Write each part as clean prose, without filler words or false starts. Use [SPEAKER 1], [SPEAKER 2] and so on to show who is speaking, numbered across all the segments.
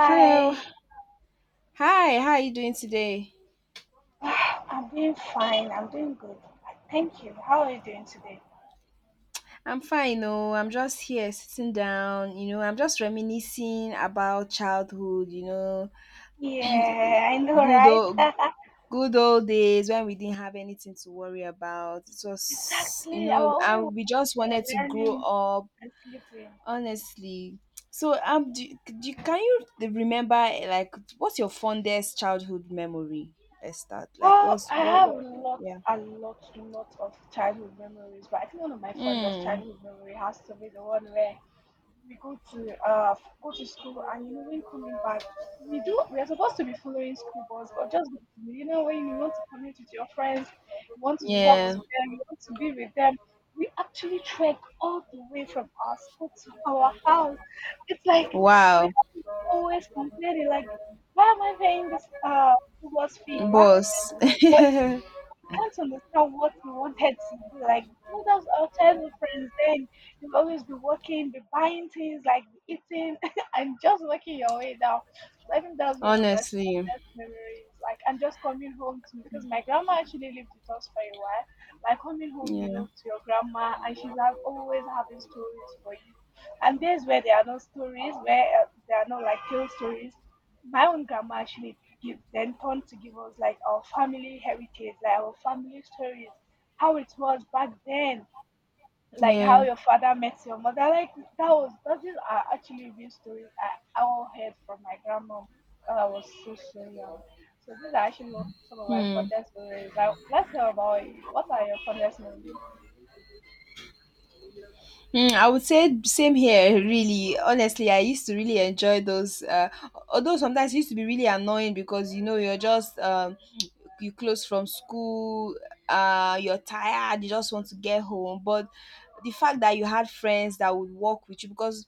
[SPEAKER 1] Hello. Hi, how are you doing today?
[SPEAKER 2] Ah, I'm doing fine. I'm doing good. Thank you. How are you doing today?
[SPEAKER 1] I'm fine, oh. I'm just here sitting down, you know, I'm just reminiscing about childhood, you know,
[SPEAKER 2] Yeah, I know,
[SPEAKER 1] good
[SPEAKER 2] right?
[SPEAKER 1] old good old days when we didn't have anything to worry about. It was, you
[SPEAKER 2] Exactly. Our
[SPEAKER 1] know,
[SPEAKER 2] only one
[SPEAKER 1] and we
[SPEAKER 2] is
[SPEAKER 1] just
[SPEAKER 2] we
[SPEAKER 1] wanted to
[SPEAKER 2] are
[SPEAKER 1] grow
[SPEAKER 2] learning
[SPEAKER 1] up,
[SPEAKER 2] and sleeping.
[SPEAKER 1] honestly. So, um, do, can you remember like what's your fondest childhood memory? Let's start. Like,
[SPEAKER 2] Well,
[SPEAKER 1] what's
[SPEAKER 2] I
[SPEAKER 1] what?
[SPEAKER 2] have
[SPEAKER 1] What
[SPEAKER 2] lots
[SPEAKER 1] Yeah.
[SPEAKER 2] and lots of childhood memories, but I think one of my fondest
[SPEAKER 1] Hmm.
[SPEAKER 2] childhood memory has to be the one where we go to go to school and you know when coming back we are supposed to be following school bus but just because, you know when you want to connect with your friends you want to talk to
[SPEAKER 1] Yeah.
[SPEAKER 2] them you want to be with them we actually trek all the way from our school to our house it's like my
[SPEAKER 1] Wow.
[SPEAKER 2] dad is always complaining like why am I paying this school bus fee why am I
[SPEAKER 1] boss
[SPEAKER 2] but can't understand what we wanted to do. Like, you know, those our childhood friends. Then you'll always be working, be buying things, like be eating, and just working your way down. So I think that's one of my
[SPEAKER 1] honestly
[SPEAKER 2] fondest memories. Like, and just coming home to because my grandma actually lived with us for a while. Like coming home, you
[SPEAKER 1] yeah
[SPEAKER 2] know, to your grandma, and she's have, always having stories for you. And there's where there are no stories, where there are no like tale stories my own grandma actually give then turned to give us like our family heritage, like our family stories, how it was back then, like how
[SPEAKER 1] yeah
[SPEAKER 2] your father met your mother. Like that was that is are actually real stories I all heard from my grandma when I was so young. So these are actually some of my
[SPEAKER 1] hmm.
[SPEAKER 2] fondest memories. Like let's hear about you. What are your fondest memories?
[SPEAKER 1] Hmm, I would say same here really honestly I used to really enjoy those although sometimes it used to be really annoying because you know you're just you close from school you're tired you just want to get home but the fact that you had friends that would walk with you because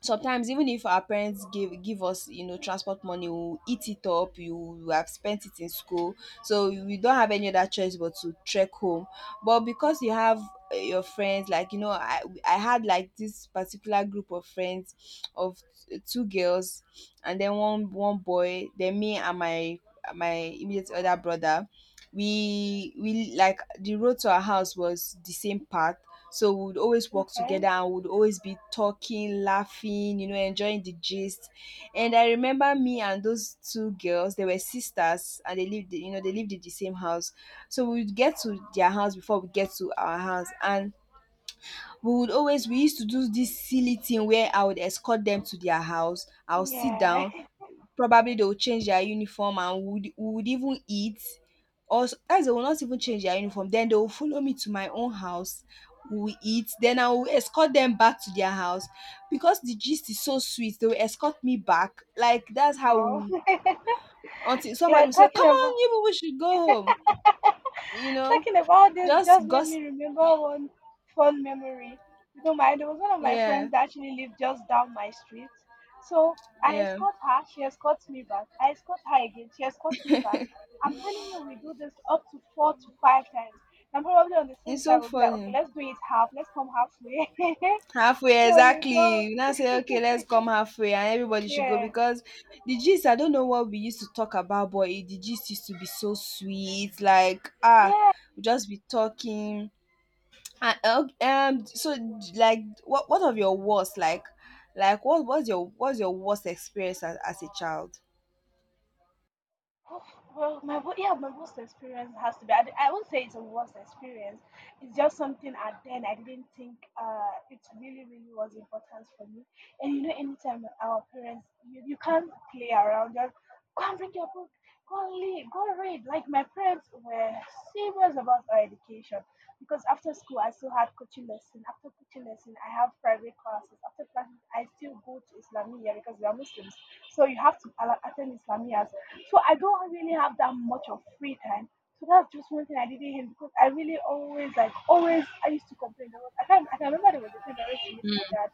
[SPEAKER 1] sometimes even if our parents give us you know transport money we will eat it up you will have spent it in school so we don't have any other choice but to trek home but because you have your friends like you know I had like this particular group of friends of two girls and then one boy then me and my immediate other brother we like the road to our house was the same path so we would always work together
[SPEAKER 2] Okay.
[SPEAKER 1] and would always be talking, laughing, you know, enjoying the gist. And I remember me and those two girls, they were sisters and they lived, you know, they lived in the same house. So we would get to their house before we get to our house. And we used to do this silly thing where I would escort them to their house. I'll sit
[SPEAKER 2] Yeah.
[SPEAKER 1] down. Probably they will change their uniform and would even eat. Or as they will not even change their uniform. Then they will follow me to my own house. We will eat. Then I will escort them back to their house because the gist is so sweet. They will escort me back. Like that's how
[SPEAKER 2] No.
[SPEAKER 1] we, until somebody will
[SPEAKER 2] like
[SPEAKER 1] say,
[SPEAKER 2] talking
[SPEAKER 1] "Come
[SPEAKER 2] about
[SPEAKER 1] on, Ibu, we should go home." You know,
[SPEAKER 2] Talking about this
[SPEAKER 1] just
[SPEAKER 2] just made
[SPEAKER 1] gossip.
[SPEAKER 2] me remember one fun memory. You know, my there was one of my
[SPEAKER 1] Yeah,
[SPEAKER 2] friends that actually lived just down my street. So I
[SPEAKER 1] yeah.
[SPEAKER 2] escort her, she escorts me back. I escort her again, she escorts me back. I'm telling you, we do this up to four to five times. And probably on the sixth
[SPEAKER 1] It's so
[SPEAKER 2] time, we'll be like, okay,
[SPEAKER 1] funny.
[SPEAKER 2] let's do it half. Let's come halfway.
[SPEAKER 1] Halfway,
[SPEAKER 2] So you
[SPEAKER 1] exactly,
[SPEAKER 2] go.
[SPEAKER 1] you now say okay let's come halfway and everybody should go
[SPEAKER 2] Yeah.
[SPEAKER 1] because the gist I don't know what we used to talk about but the gist used to be so sweet like ah
[SPEAKER 2] Yeah.
[SPEAKER 1] we just be talking and so like what of your worst like what was your what's your worst experience as a child?
[SPEAKER 2] Oh, well, yeah, my worst experience has to be. I won't say it's a worst experience. It's just something at then I didn't think it really was important for me. And you know, anytime our parents, you can't play around. Just go and bring your book. Go and lead, go read. Like my parents were serious about our education because after school I still had coaching lesson. After coaching lesson, I have private classes. After classes, I still go to Islamia because we are Muslims. So you have to attend Islamia so I don't really have that much of free time. So that's just one thing I didn't hate because I really always like always I used to complain. There was I can remember there was a time I went to meet my dad.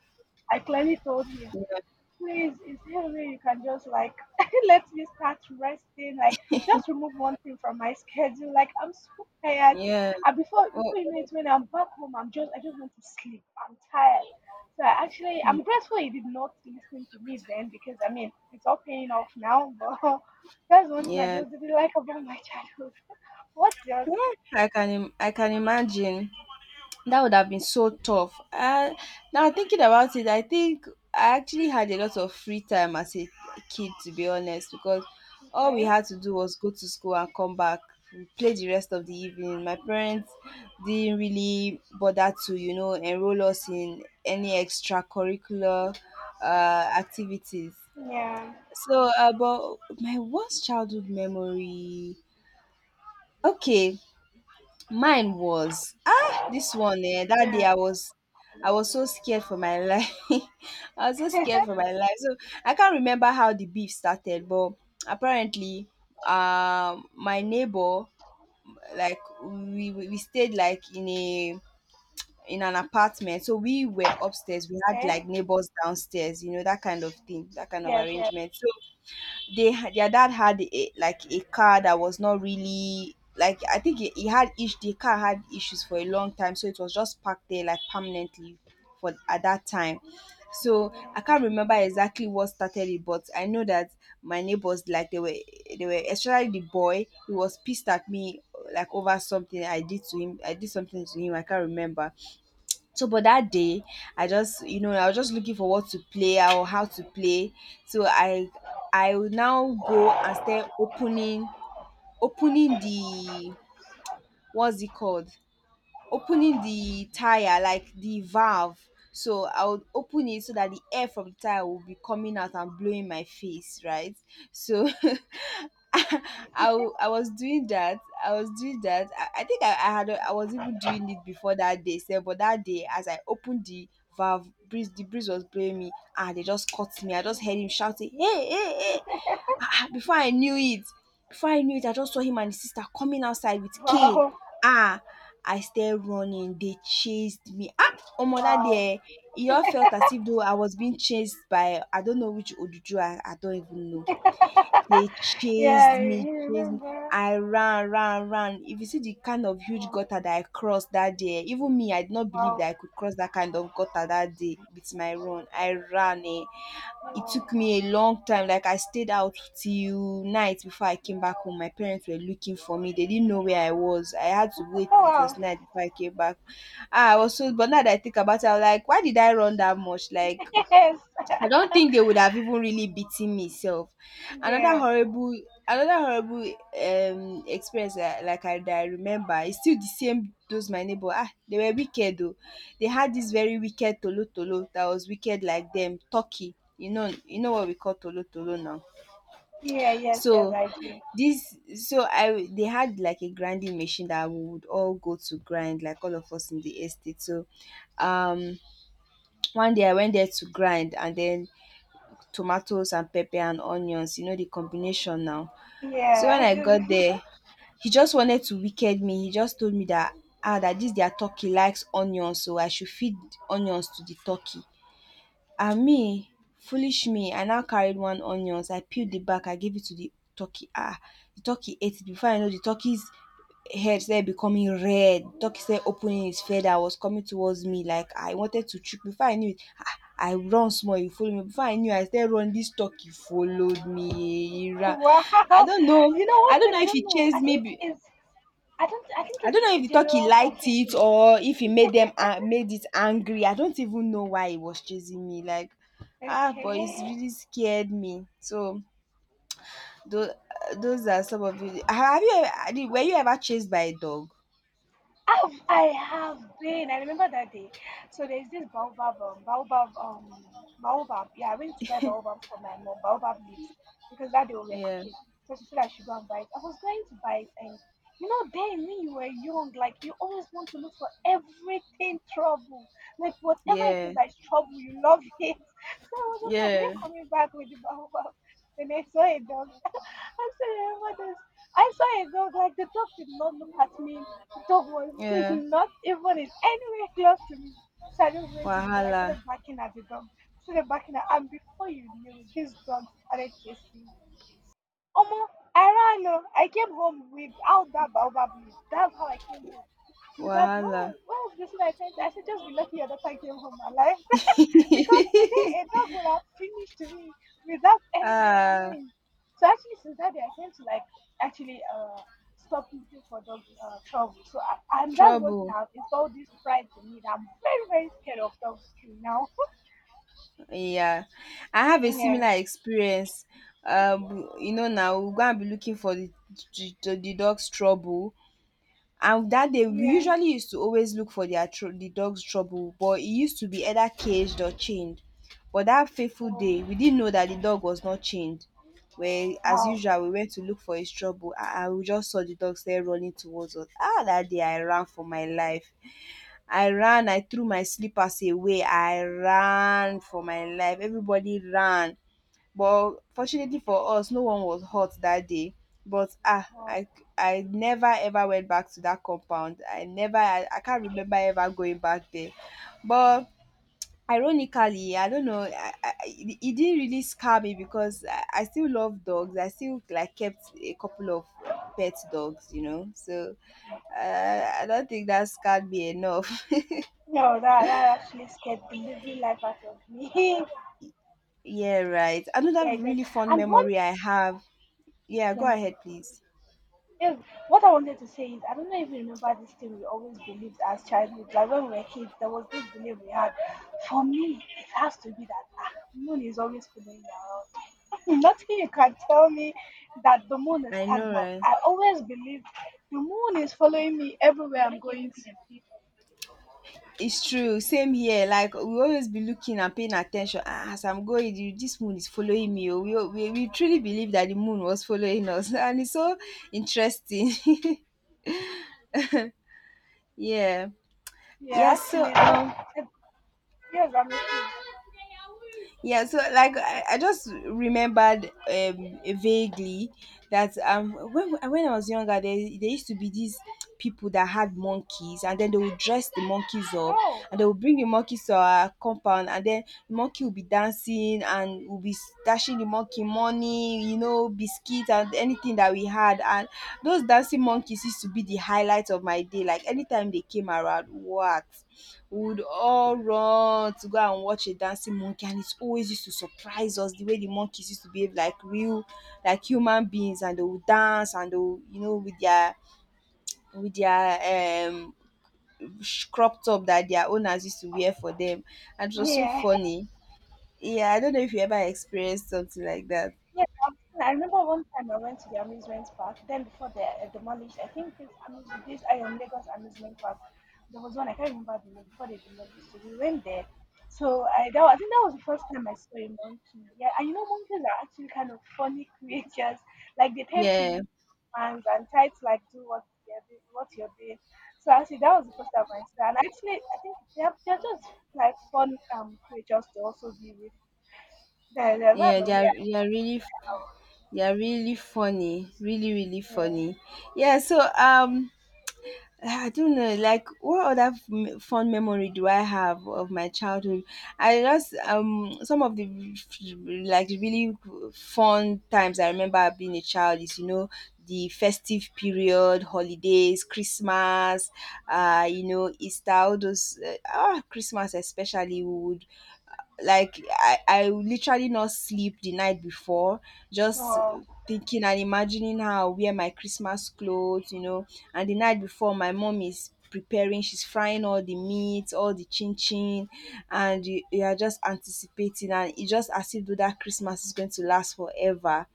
[SPEAKER 2] I clearly told him,
[SPEAKER 1] yeah.
[SPEAKER 2] please, is there a way you can just like let me start resting? Like, just remove one thing from my schedule. Like, I'm so tired.
[SPEAKER 1] Yeah.
[SPEAKER 2] And
[SPEAKER 1] Oh,
[SPEAKER 2] before you know it, when I'm back home, I just want to sleep. I'm tired. So I actually I'm grateful you did not listen to me then because I mean it's all paying off now. But that's one thing I
[SPEAKER 1] yeah.
[SPEAKER 2] just didn't like about my childhood. What's yours?
[SPEAKER 1] I can imagine. That would have been so tough. Now thinking about it, I think I actually had a lot of free time as a kid, to be honest, because all we
[SPEAKER 2] Okay.
[SPEAKER 1] had to do was go to school and come back, play the rest of the evening. My parents didn't really bother to, you know, enroll us in any extracurricular uh, activities.
[SPEAKER 2] Yeah.
[SPEAKER 1] So, but my worst childhood memory. Okay, mine was ah this one eh that day
[SPEAKER 2] Yeah.
[SPEAKER 1] I was so scared for my life. I was so scared for my life. So I can't remember how the beef started, but apparently my neighbor like we stayed like in an apartment. So we were upstairs. We had
[SPEAKER 2] Okay.
[SPEAKER 1] like neighbors downstairs, you know, that kind of thing, that kind of
[SPEAKER 2] Yes. Yes.
[SPEAKER 1] arrangement. So they ha- their dad had like a car that was not really like I think he had ish the car had issues for a long time, so it was just parked there like permanently for at that time. So
[SPEAKER 2] Yeah.
[SPEAKER 1] I can't remember exactly what started it, but I know that my neighbors like they were especially the boy he was pissed at me like over something I did to him. I did something to him. I can't remember. So, but that day, I just, you know, I was just looking for what to play or how to play. So I will now go and start opening what's it called? Opening the tire, like the valve. So I would open it so that the air from the tire will be coming out and blowing my face, right? So I was doing that. I think I had a- I was even doing it before that day, sef, but that day as I opened the valve, breeze the breeze was blowing me and they just caught me. I just heard him shouting, "Hey, hey, hey. Ah, ah." Before I knew it, before I knew it, I just saw him and his sister coming outside with cane.
[SPEAKER 2] Wow.
[SPEAKER 1] Ah, I started running. They chased me. Ah, omo that day, eh, e all felt as if though I was being chased by I don't know which Odudu. I don't even know.
[SPEAKER 2] Wow.
[SPEAKER 1] They chased
[SPEAKER 2] Yeah,
[SPEAKER 1] me,
[SPEAKER 2] you
[SPEAKER 1] chased me.
[SPEAKER 2] remember?
[SPEAKER 1] I ran, ran, ran. If you see the kind of huge
[SPEAKER 2] Wow,
[SPEAKER 1] gutter that I crossed that day, even me, I did not believe
[SPEAKER 2] wow,
[SPEAKER 1] that I could cross that kind of gutter that day with my run. I ran eh. It
[SPEAKER 2] wow,
[SPEAKER 1] took me a long time. Like I stayed out till night before I came back home. My parents were looking for me. They didn't know where I was. I had
[SPEAKER 2] wow.
[SPEAKER 1] to
[SPEAKER 2] Oh,
[SPEAKER 1] wait. It
[SPEAKER 2] wow.
[SPEAKER 1] was night before I came back. Ah, I was so. But now that I think about it, I'm like, why did I run that much? Like
[SPEAKER 2] Yes.
[SPEAKER 1] I don't think they would have even really beaten me self. Another
[SPEAKER 2] Yeah,
[SPEAKER 1] horrible another horrible experience that, like I that I remember is still the same those my neighbor. Ah, they were wicked though. They had this very wicked tolo tolo that was wicked like them, turkey. You know what we call tolo tolo now.
[SPEAKER 2] yeah, yes, yes,
[SPEAKER 1] So
[SPEAKER 2] I do.
[SPEAKER 1] this so I they had like a grinding machine that we would all go to grind, like all of us in the estate. So um one day I went there to grind and then tomatoes and pepper and onions, you know, the combination now. So
[SPEAKER 2] Yeah,
[SPEAKER 1] when
[SPEAKER 2] I
[SPEAKER 1] I
[SPEAKER 2] do.
[SPEAKER 1] got there, he just wanted to wicked me. He just told me that ah that this their turkey likes onions, so I should feed onions to the turkey. Ah me Foolish me, I now carried one onions, I peeled the back, I gave it to the turkey. Ah, the turkey ate it before I know. The turkey's head started becoming red. Turkey started opening his feather, was coming towards me like I wanted to chook. Before I knew it I run small e follow me. Before I knew I started run, this turkey followed me, he ran. i
[SPEAKER 2] Wow.
[SPEAKER 1] don't know
[SPEAKER 2] You know
[SPEAKER 1] I
[SPEAKER 2] one
[SPEAKER 1] don't
[SPEAKER 2] thing
[SPEAKER 1] know
[SPEAKER 2] I
[SPEAKER 1] if he
[SPEAKER 2] don't know.
[SPEAKER 1] chased
[SPEAKER 2] I think
[SPEAKER 1] me.
[SPEAKER 2] it's I don't I think
[SPEAKER 1] I
[SPEAKER 2] it's
[SPEAKER 1] don't know if
[SPEAKER 2] a
[SPEAKER 1] the turkey
[SPEAKER 2] general
[SPEAKER 1] liked
[SPEAKER 2] talking
[SPEAKER 1] it
[SPEAKER 2] thing.
[SPEAKER 1] or if it made them made it angry. I don't even know why it was chasing me. Like, ah, but it's
[SPEAKER 2] Okay.
[SPEAKER 1] really scared me. So those, those are some of the. Have you ever, were you ever chased by a dog?
[SPEAKER 2] I have been. I remember that day. So there's this baobab. Yeah, I went to buy baobab for my mom, baobab leaves, because that day we were
[SPEAKER 1] Yeah,
[SPEAKER 2] cooking. So she said I should go and buy it. I was going to buy it, and you know, then when you were young, like you always want to look for everything trouble. Like whatever it
[SPEAKER 1] yeah,
[SPEAKER 2] is that is trouble, you love it. So I was on my way
[SPEAKER 1] yeah,
[SPEAKER 2] coming back with the baobab, and I saw it. I said, sorry, what else? I saw a dog, like the dog did not look at me. The dog was
[SPEAKER 1] yeah.
[SPEAKER 2] not even in anywhere close to me. So I just went to the dog. I
[SPEAKER 1] Wahala,
[SPEAKER 2] started barking at the dog. Started barking at and before you knew it, this dog started chasing me. Omo, I ran. Oh. I came home without that baobab leaf. That's how I came home. Without no,
[SPEAKER 1] wahala.
[SPEAKER 2] what was this thing I sent? I said just be lucky your daughter came home alive because today, day a dog will have finished me without anyone
[SPEAKER 1] Ah,
[SPEAKER 2] knowing. So actually, since that day, I tend to like actually stop looking for dog trouble. So I, and that's one thing
[SPEAKER 1] trouble.
[SPEAKER 2] I've installed this pride in me that I'm very, very scared of dogs till now.
[SPEAKER 1] Yeah, I have a
[SPEAKER 2] Yeah,
[SPEAKER 1] similar experience. You know now we go and be looking for the the dog's trouble. And that day we
[SPEAKER 2] yeah.
[SPEAKER 1] usually used to always look for their tr- the dog's trouble, but it used to be either caged or chained. But that fateful day,
[SPEAKER 2] Oh,
[SPEAKER 1] we didn't know that the dog was not chained. Where as
[SPEAKER 2] wow,
[SPEAKER 1] usual we went to look for his trouble, and we just saw the dog start running towards us. Ah, that day I ran for my life. I ran. I threw my slippers away. I ran for my life. Everybody ran. But fortunately for us, no one was hurt that day. But ah,
[SPEAKER 2] wow.
[SPEAKER 1] I never ever went back to that compound. I never I, I can't remember ever going back there. But ironically, I don't know, it it didn't really scare me because I still love dogs. I still like kept a couple of pet dogs, you know. So I don't think that scared me enough.
[SPEAKER 2] No, that actually scared the living life out of me.
[SPEAKER 1] Yeah, right. Another
[SPEAKER 2] Yeah, it just,
[SPEAKER 1] really fun
[SPEAKER 2] and one.
[SPEAKER 1] memory I have. Yeah, go
[SPEAKER 2] Yeah.
[SPEAKER 1] ahead, please.
[SPEAKER 2] Yes, what I wanted to say is, I don't know if you remember this thing we always believed as childhood. Like when we were kids, there was this belief we had. For me, it has to be that ah, moon is always following me around. Nothing you can tell me that the moon is
[SPEAKER 1] I know,
[SPEAKER 2] stagnant.
[SPEAKER 1] right?
[SPEAKER 2] I always believed the moon is following me everywhere I'm going to.
[SPEAKER 1] It's true. Same here. Like we always be looking and paying attention. Ah, as I'm going, the- this moon is following me. Oh. We truly believe that the moon was following us, and it's so interesting. Yeah.
[SPEAKER 2] Yeah,
[SPEAKER 1] Yeah. So
[SPEAKER 2] actually, yes, I'm a thief.
[SPEAKER 1] yeah, so like I just remembered vaguely that when I was younger there used to be these people that had monkeys and then they would dress the monkeys up
[SPEAKER 2] Oh,
[SPEAKER 1] and they would bring the monkeys to our compound and then the monkey would be dancing and we'll be dashing the monkey money, you know, biscuits and anything that we had, and those dancing monkeys used to be the highlight of my day. Like anytime they came around, what? We would all run to go and watch a dancing monkey, and it always used to surprise us the way the monkeys used to behave like real like human beings. And they would dance and they would, you know, with their with their um crop top that their owners used to wear for them, and it was so
[SPEAKER 2] yeah.
[SPEAKER 1] funny. Yeah, I don't know if you ever experienced something like that.
[SPEAKER 2] Yes, I remember one time I went to the amusement park. Then before they demolished, I think it's amuse this I am Lagos amusement park. There was one I can't remember the name before they demolished it. We went there, I think that was the first time I saw a monkey. Yeah, and you know monkeys are actually kind of funny creatures. Like they tend to
[SPEAKER 1] Yeah,
[SPEAKER 2] mimic humans and try to like do what they're doing, what you're doing. So actually that was the first time I saw. And actually I think they're just like fun creatures to also be with. Yeah, yeah, that's
[SPEAKER 1] yeah,
[SPEAKER 2] the way I
[SPEAKER 1] they are really funny, really really
[SPEAKER 2] was.
[SPEAKER 1] funny. Yeah so um, I don't know, like what other f- fun memory do I have of my childhood? I just some of the f- like really fun times I remember being a child is you know the festive period, holidays, Christmas, you know Easter, all those Christmas especially we would like I literally not sleep the night before just
[SPEAKER 2] Wow.
[SPEAKER 1] thinking and imagining how I'll wear my Christmas clothes, you know. And the night before, my mom is preparing, she's frying all the meat, all the chin chin, and you are just anticipating, and it's just as if though that Christmas is going to last forever.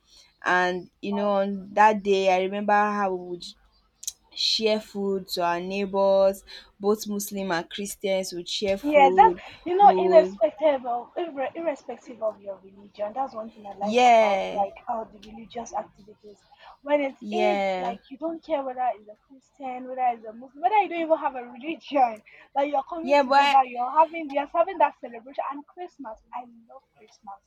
[SPEAKER 1] And you know,
[SPEAKER 2] Wow.
[SPEAKER 1] on that day, I remember how we would share food to our neighbors, both Muslim and Christians would share
[SPEAKER 2] Yeah, that's
[SPEAKER 1] food.
[SPEAKER 2] you
[SPEAKER 1] We
[SPEAKER 2] know,
[SPEAKER 1] would.
[SPEAKER 2] irrespective of irrespective of your religion, that's one thing I like about
[SPEAKER 1] Yeah,
[SPEAKER 2] like how the religious activities. When it's Eid,
[SPEAKER 1] yeah,
[SPEAKER 2] like you don't care whether it's a Christian, whether it's a Muslim, whether you don't even have a religion. Like you're coming
[SPEAKER 1] yeah. But I,
[SPEAKER 2] together, you're having that celebration and Christmas. I love Christmas.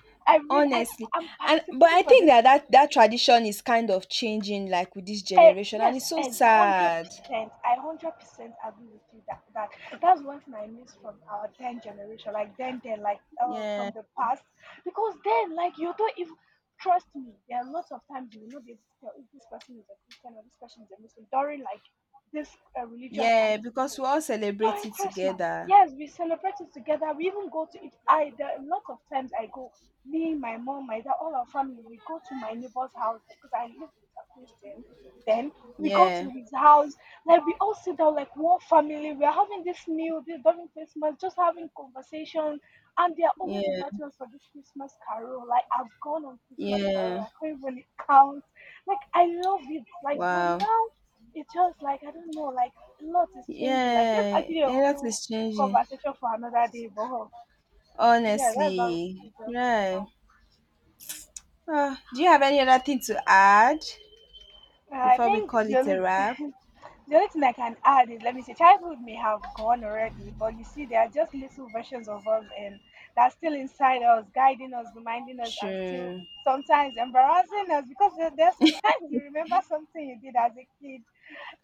[SPEAKER 2] I really I
[SPEAKER 1] honestly,
[SPEAKER 2] I'm
[SPEAKER 1] and but
[SPEAKER 2] participating
[SPEAKER 1] I
[SPEAKER 2] for
[SPEAKER 1] think
[SPEAKER 2] this
[SPEAKER 1] that that
[SPEAKER 2] Christmas.
[SPEAKER 1] that tradition is kind of changing, like with this generation, and
[SPEAKER 2] Yes,
[SPEAKER 1] it's so
[SPEAKER 2] as hundred
[SPEAKER 1] sad.
[SPEAKER 2] percent. I 100% agree with you that that's one thing I miss from our then generation, like then like
[SPEAKER 1] Yeah,
[SPEAKER 2] from the past, because then like you don't even trust me. There are lots of times you will not be able to tell if this person is a Christian or this person is a Muslim during like this religious
[SPEAKER 1] yeah, because we
[SPEAKER 2] activities.
[SPEAKER 1] all celebrate
[SPEAKER 2] During
[SPEAKER 1] it
[SPEAKER 2] Christmas,
[SPEAKER 1] together.
[SPEAKER 2] yes, we celebrate it together. We even go to it. I There are lots of times I go. Me, my mom, my dad, all our family, we go to my neighbor's house because I live with a Christian, then we go
[SPEAKER 1] Yeah,
[SPEAKER 2] to his house, like we all sit down like one family. We are having this meal, this during Christmas, just having conversation, and they are always
[SPEAKER 1] yeah,
[SPEAKER 2] inviting us for this Christmas carol. Like I've gone on Christmas carol,
[SPEAKER 1] yeah.
[SPEAKER 2] I can't even count. Like I love it. Like but
[SPEAKER 1] Wow.
[SPEAKER 2] now it's just like I don't know. Like a lot is changing. Like there's
[SPEAKER 1] Yeah,
[SPEAKER 2] actually a
[SPEAKER 1] yeah. That
[SPEAKER 2] whole
[SPEAKER 1] is changing.
[SPEAKER 2] conversation for another day. But yeah, that's how
[SPEAKER 1] Honestly,
[SPEAKER 2] it does it
[SPEAKER 1] right.
[SPEAKER 2] now.
[SPEAKER 1] Ah, do you have any other thing to add
[SPEAKER 2] I
[SPEAKER 1] before we
[SPEAKER 2] think
[SPEAKER 1] call
[SPEAKER 2] the
[SPEAKER 1] it a
[SPEAKER 2] only
[SPEAKER 1] wrap?
[SPEAKER 2] the only thing I can add is let me say childhood may have gone already, but you see there are just little versions of us and that's still inside us, guiding us, reminding us and still
[SPEAKER 1] Sure.
[SPEAKER 2] sometimes embarrassing us because there's sometimes you remember something you did as a kid.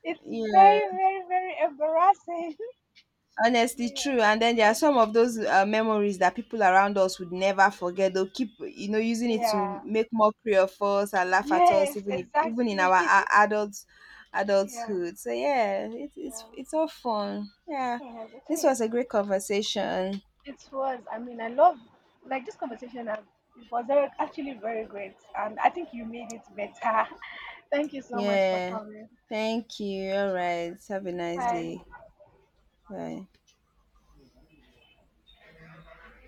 [SPEAKER 2] It's
[SPEAKER 1] Yeah.
[SPEAKER 2] very, very, very embarrassing.
[SPEAKER 1] Honestly,
[SPEAKER 2] Yeah.
[SPEAKER 1] true. And then there are some of those memories that people around us would never forget. They'll keep, you know, using it to
[SPEAKER 2] Yeah.
[SPEAKER 1] make more mockery of us and laugh at us,
[SPEAKER 2] Yes,
[SPEAKER 1] even if, even in our
[SPEAKER 2] exactly.
[SPEAKER 1] a- adults
[SPEAKER 2] Yeah.
[SPEAKER 1] adulthood. So yeah,
[SPEAKER 2] Yeah.
[SPEAKER 1] it's all fun. Yeah,
[SPEAKER 2] Yes, it
[SPEAKER 1] this was
[SPEAKER 2] is.
[SPEAKER 1] a great conversation.
[SPEAKER 2] It was. I mean, I love like this conversation. It was actually very great, and I think you made it better. Thank you so much for
[SPEAKER 1] Yeah,
[SPEAKER 2] coming.
[SPEAKER 1] thank you. All right, have a nice
[SPEAKER 2] Bye.
[SPEAKER 1] day. Bye.